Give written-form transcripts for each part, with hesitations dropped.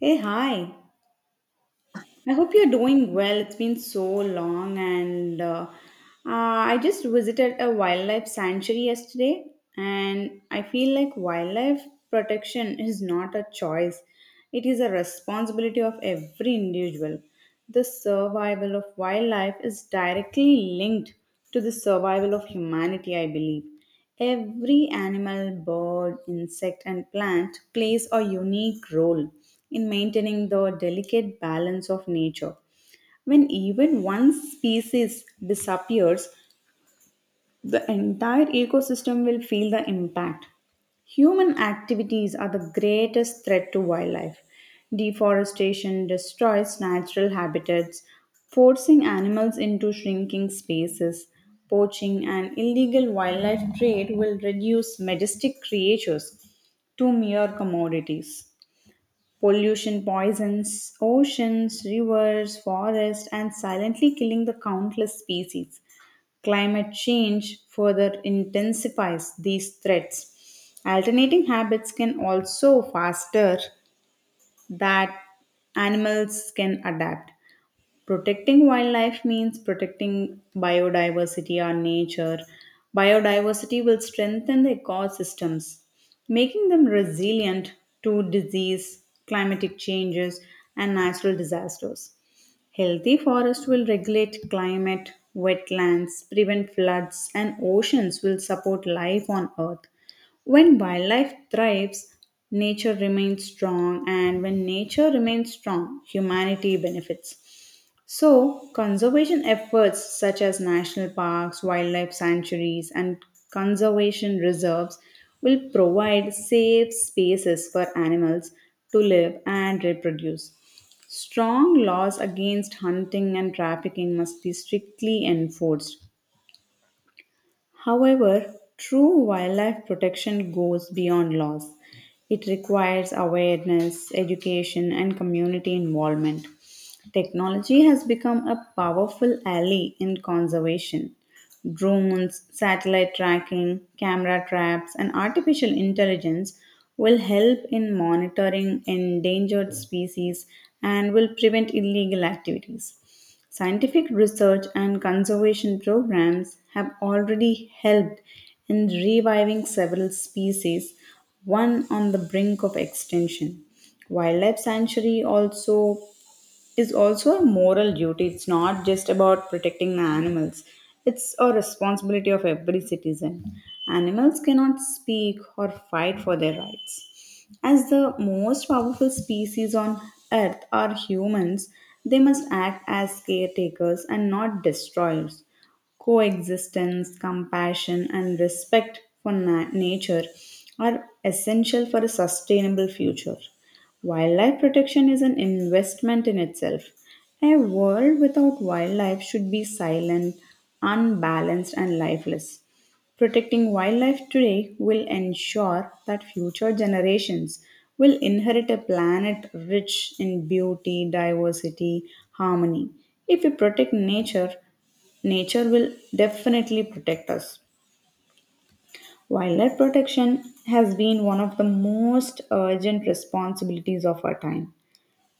Hey, hi. I hope you're doing well. It's been so long, and I just visited a wildlife sanctuary yesterday, and I feel like wildlife protection is not a choice, it is a responsibility of every individual. The survival of wildlife is directly linked to the survival of humanity, I believe. Every animal, bird, insect, and plant plays a unique role in maintaining the delicate balance of nature. When even one species disappears, the entire ecosystem will feel the impact. Human activities are the greatest threat to wildlife. Deforestation destroys natural habitats, forcing animals into shrinking spaces. Poaching and illegal wildlife trade will reduce majestic creatures to mere commodities. Pollution poisons oceans, rivers, forests, and silently killing the countless species. Climate change further intensifies these threats. Alternating habits can also faster that animals can adapt. Protecting wildlife means protecting biodiversity, our nature. Biodiversity will strengthen the ecosystems, making them resilient to disease, climatic changes, and natural disasters. Healthy forests will regulate climate, wetlands, prevent floods, and oceans will support life on Earth. When wildlife thrives, nature remains strong, and when nature remains strong, humanity benefits. So, conservation efforts such as national parks, wildlife sanctuaries, and conservation reserves will provide safe spaces for animals to live and reproduce. Strong laws against hunting and trafficking must be strictly enforced. However, true wildlife protection goes beyond laws. It requires awareness, education, and community involvement. Technology has become a powerful ally in conservation. Drones, satellite tracking, camera traps, and artificial intelligence will help in monitoring endangered species and will prevent illegal activities. Scientific research and conservation programs have already helped in reviving several species, one on the brink of extinction. Wildlife Sanctuary also is also a moral duty. It's not just about protecting the animals, it's a responsibility of every citizen. Animals cannot speak or fight for their rights. As the most powerful species on earth are humans, they must act as caretakers and not destroyers. Coexistence, compassion, and respect for nature are essential for a sustainable future. Wildlife protection is an investment in itself. A world without wildlife should be silent, unbalanced, and lifeless. Protecting wildlife today will ensure that future generations will inherit a planet rich in beauty, diversity, harmony. If we protect nature, nature will definitely protect us. Wildlife protection has been one of the most urgent responsibilities of our time.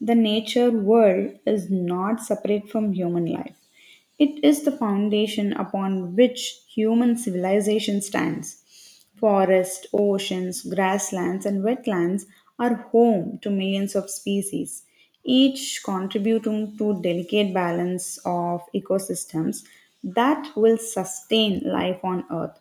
The nature world is not separate from human life. It is the foundation upon which human civilization stands. Forests, oceans, grasslands, and wetlands are home to millions of species, each contributing to delicate balance of ecosystems that will sustain life on Earth.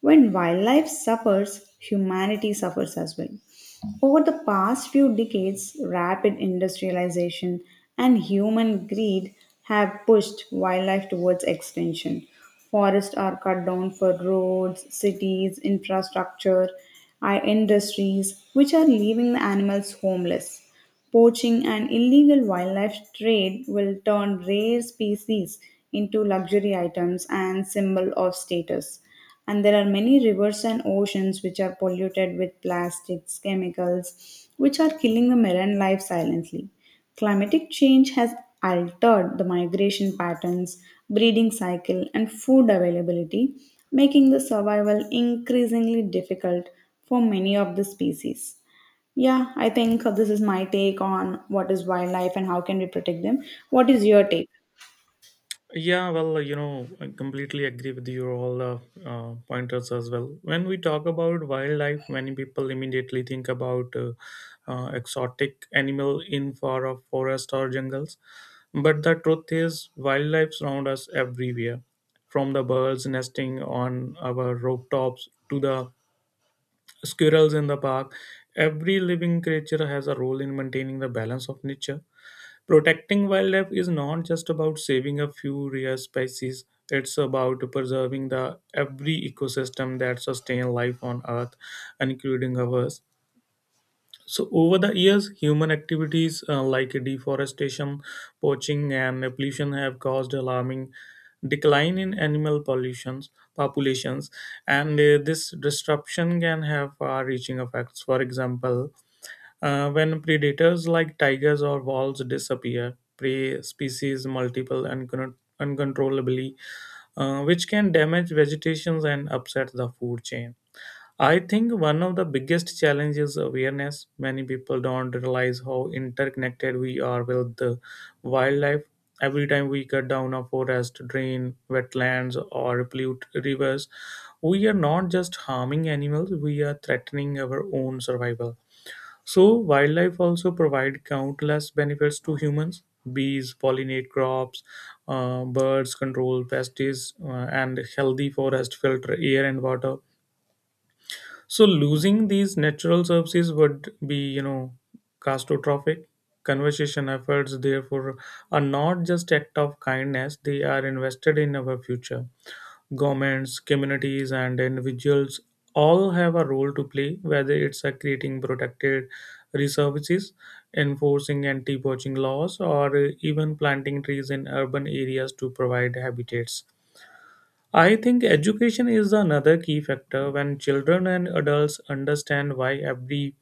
When wildlife suffers, humanity suffers as well. Over the past few decades, rapid industrialization and human greed have pushed wildlife towards extinction. Forests are cut down for roads, cities, infrastructure, our industries, which are leaving the animals homeless. Poaching and illegal wildlife trade will turn rare species into luxury items and symbol of status. And there are many rivers and oceans which are polluted with plastics, chemicals, which are killing the marine life silently. Climatic change has altered the migration patterns, breeding cycle, and food availability, making the survival increasingly difficult for many of the species. Yeah, I think this is my take on what is wildlife and how can we protect them. What is your take? Yeah, well, you know, I completely agree with your all pointers as well. When we talk about wildlife, many people immediately think about exotic animal in far a forest or jungles. But the truth is, wildlife surround us everywhere, from the birds nesting on our rooftops to the squirrels in the park. Every living creature has a role in maintaining the balance of nature. Protecting wildlife is not just about saving a few rare species, it's about preserving the every ecosystem that sustain life on earth, including ours. So over the years, human activities like deforestation, poaching and pollution have caused alarming decline in animal pollutions populations, and this disruption can have far reaching effects. For example, when predators like tigers or wolves disappear, prey species multiple uncontrollably, which can damage vegetations and upset the food chain. I think one of the biggest challenges is awareness. Many people don't realize how interconnected we are with the wildlife. Every time we cut down a forest, drain wetlands, or pollute rivers, we are not just harming animals, we are threatening our own survival. So, wildlife also provide countless benefits to humans. Bees pollinate crops, birds control pests, and healthy forest filter air and water. So, losing these natural services would be catastrophic. Conservation efforts, therefore, are not just act of kindness; they are invested in our future. Governments, communities, and individuals all have a role to play, whether it's creating protected reserves, enforcing anti poaching laws, or even planting trees in urban areas to provide habitats. I think education is another key factor. When children and adults understand why every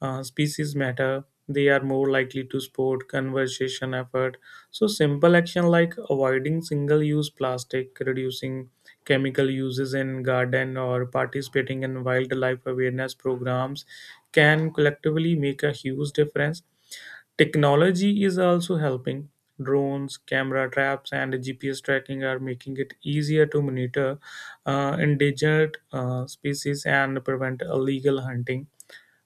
species matter, they are more likely to support conservation effort. So simple action like avoiding single use plastic, reducing chemical uses in garden, or participating in wildlife awareness programs can collectively make a huge difference. Technology is also helping. Drones, camera traps, and GPS tracking are making it easier to monitor endangered species and prevent illegal hunting.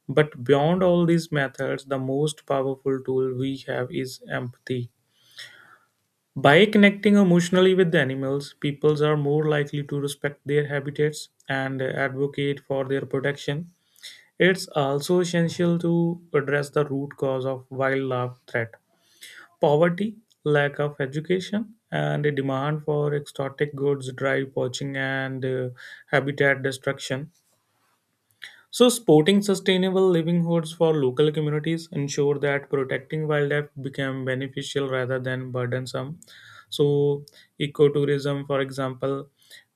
But beyond all these methods, the most powerful tool we have is empathy. By connecting emotionally with the animals, peoples are more likely to respect their habitats and advocate for their protection. It's also essential to address the root cause of wildlife threat. Poverty, lack of education, and a demand for exotic goods drive poaching and habitat destruction. So, supporting sustainable livelihoods for local communities ensure that protecting wildlife become beneficial rather than burdensome. So, ecotourism, for example,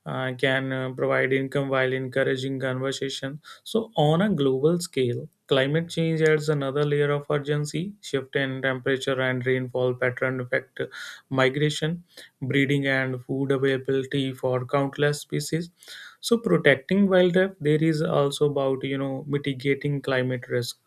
can provide income while encouraging conservation. So, on a global scale, climate change adds another layer of urgency. Shift in temperature and rainfall pattern affect migration, breeding, and food availability for countless species, so protecting wildlife there is also about, you know, mitigating climate risk.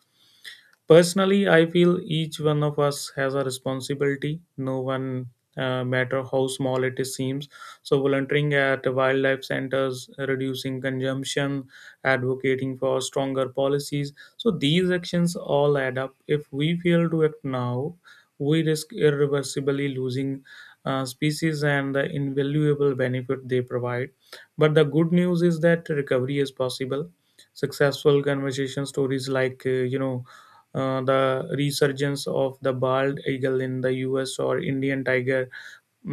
Personally, I feel each one of us has a responsibility, no one matter how small it seems. So, volunteering at wildlife centers, reducing consumption, advocating for stronger policies. So, these actions all add up. If we fail to act now, we risk irreversibly losing species and the invaluable benefit they provide. But the good news is that recovery is possible. Successful conversation stories like, the resurgence of the bald eagle in the US or Indian tiger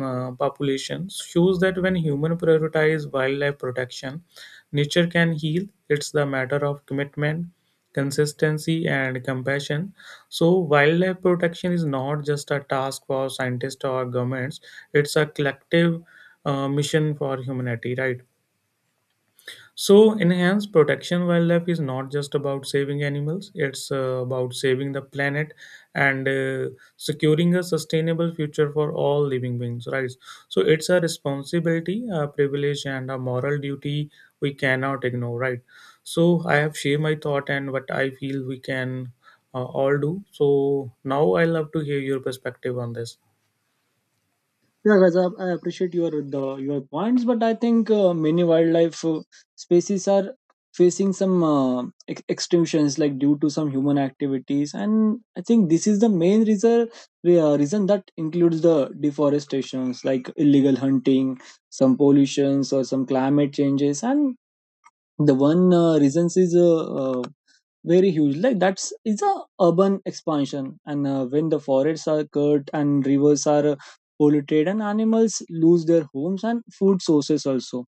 populations shows that when human prioritize wildlife protection, nature can heal. It's the matter of commitment, consistency, and compassion. So, wildlife protection is not just a task for scientists or governments; it's a collective mission for humanity, right? So, enhanced protection wildlife is not just about saving animals, it's about saving the planet and securing a sustainable future for all living beings, right? So, it's a responsibility, a privilege, and a moral duty we cannot ignore, right? So, I have shared my thought and what I feel we can all do. So, now I love to hear your perspective on this. Yeah, guys, I appreciate your points, but I think many wildlife species are facing some extinctions, like due to some human activities, and I think this is the main reason that includes the deforestations, like illegal hunting, some pollutions, or some climate changes, and the one reasons is very huge, like that's it's a urban expansion. And when the forests are cut and rivers are polluted and animals lose their homes and food sources also,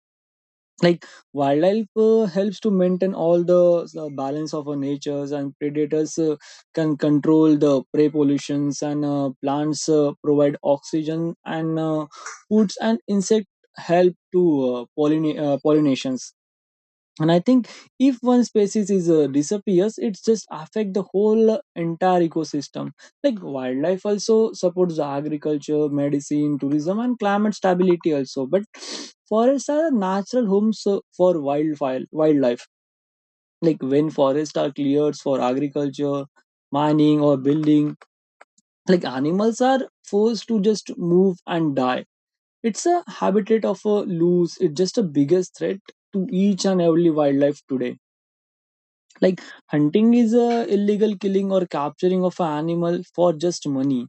like wildlife helps to maintain all the balance of our natures, and predators can control the prey pollutions, and plants provide oxygen and foods, and insect help to pollinations. And I think if one species is disappears, it's just affect the whole entire ecosystem. Like wildlife also supports the agriculture, medicine, tourism, and climate stability also. But forests are natural homes for wildfire wildlife, like when forests are cleared for agriculture, mining, or building, like animals are forced to just move and die. It's a habitat of a loose, it's just a biggest threat to each and every wildlife today. Like hunting is a illegal killing or capturing of an animal for just money.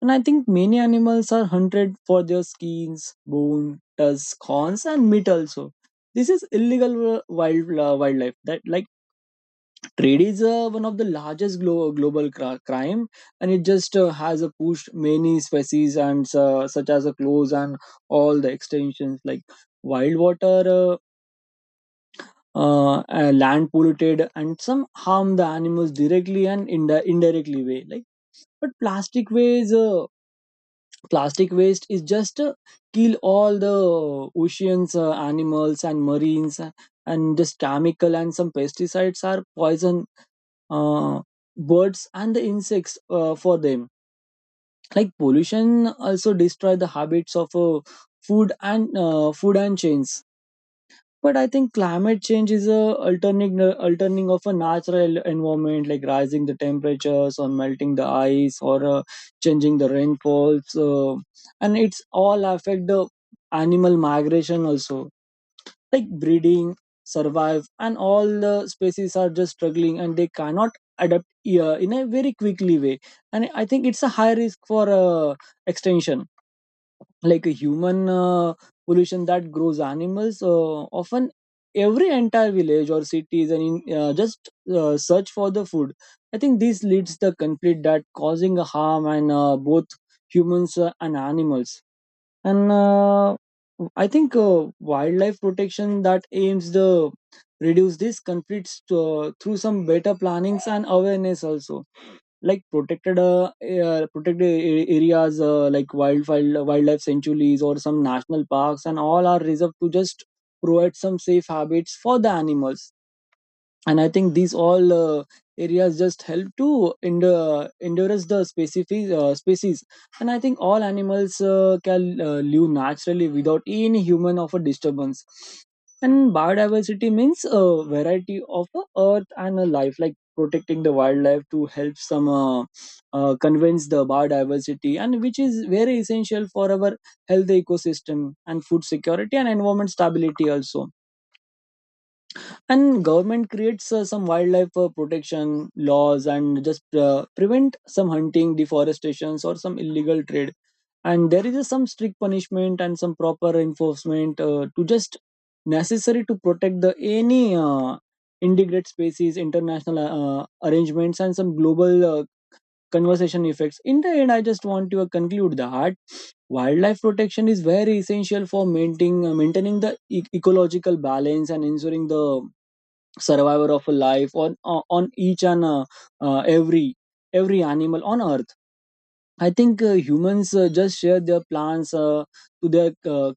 And I think many animals are hunted for their skins, bone, tusks, horns, and meat also. This is illegal wild wildlife. That, like, trade is one of the largest global crime, and it just has pushed many species, and such as a close and all the extensions. Like wild water, land polluted, and some harm the animals directly and indirectly way, like, but plastic waste is just kill all the oceans animals and marines, and just chemical and some pesticides are poison uh, birds and the insects for them. Like pollution also destroy the habits of food and food and chains. But I think climate change is a alterning of a natural environment, like rising the temperatures, or melting the ice, or changing the rainfalls, and it's all affect the animal migration also, like breeding, survive, and all the species are just struggling and they cannot adapt in a very quickly way. And I think it's a high risk for extinction. Like a human pollution that grows animals often every entire village or cities, and in, just search for the food. I think this leads the conflict that causing a harm, and both humans and animals. And I think wildlife protection that aims to reduce these conflicts through some better plannings and awareness also. Like protected areas like wildfire wildlife sanctuaries, or some national parks, and all are reserved to just provide some safe habits for the animals. And I think these all areas just help to endurance the species. And I think all animals can live naturally without any human of a disturbance. And biodiversity means a variety of a earth and a life, like protecting the wildlife to help some convince the biodiversity, and which is very essential for our healthy ecosystem, and food security, and environment stability also. And government creates some wildlife protection laws, and just prevent some hunting, deforestations, or some illegal trade. And there is a some strict punishment and some proper enforcement to just necessary to protect the any integrate species, international arrangements, and some global conversation effects. In the end, I just want to conclude that wildlife protection is very essential for maintaining the ecological balance and ensuring the survivor of a life on each and every every animal on earth. I think humans just share their plans to their uh,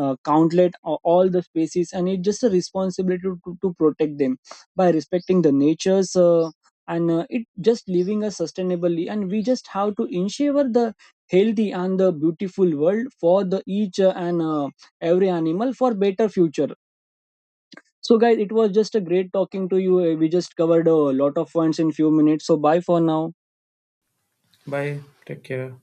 uh, countlet all the species, and it's just a responsibility to protect them by respecting the natures, and it just living us sustainably. And we just have to ensure the healthy and the beautiful world for the each and every animal for better future. So, guys, it was just a great talking to you. We just covered a lot of points in few minutes. So, bye for now. Bye. Take care.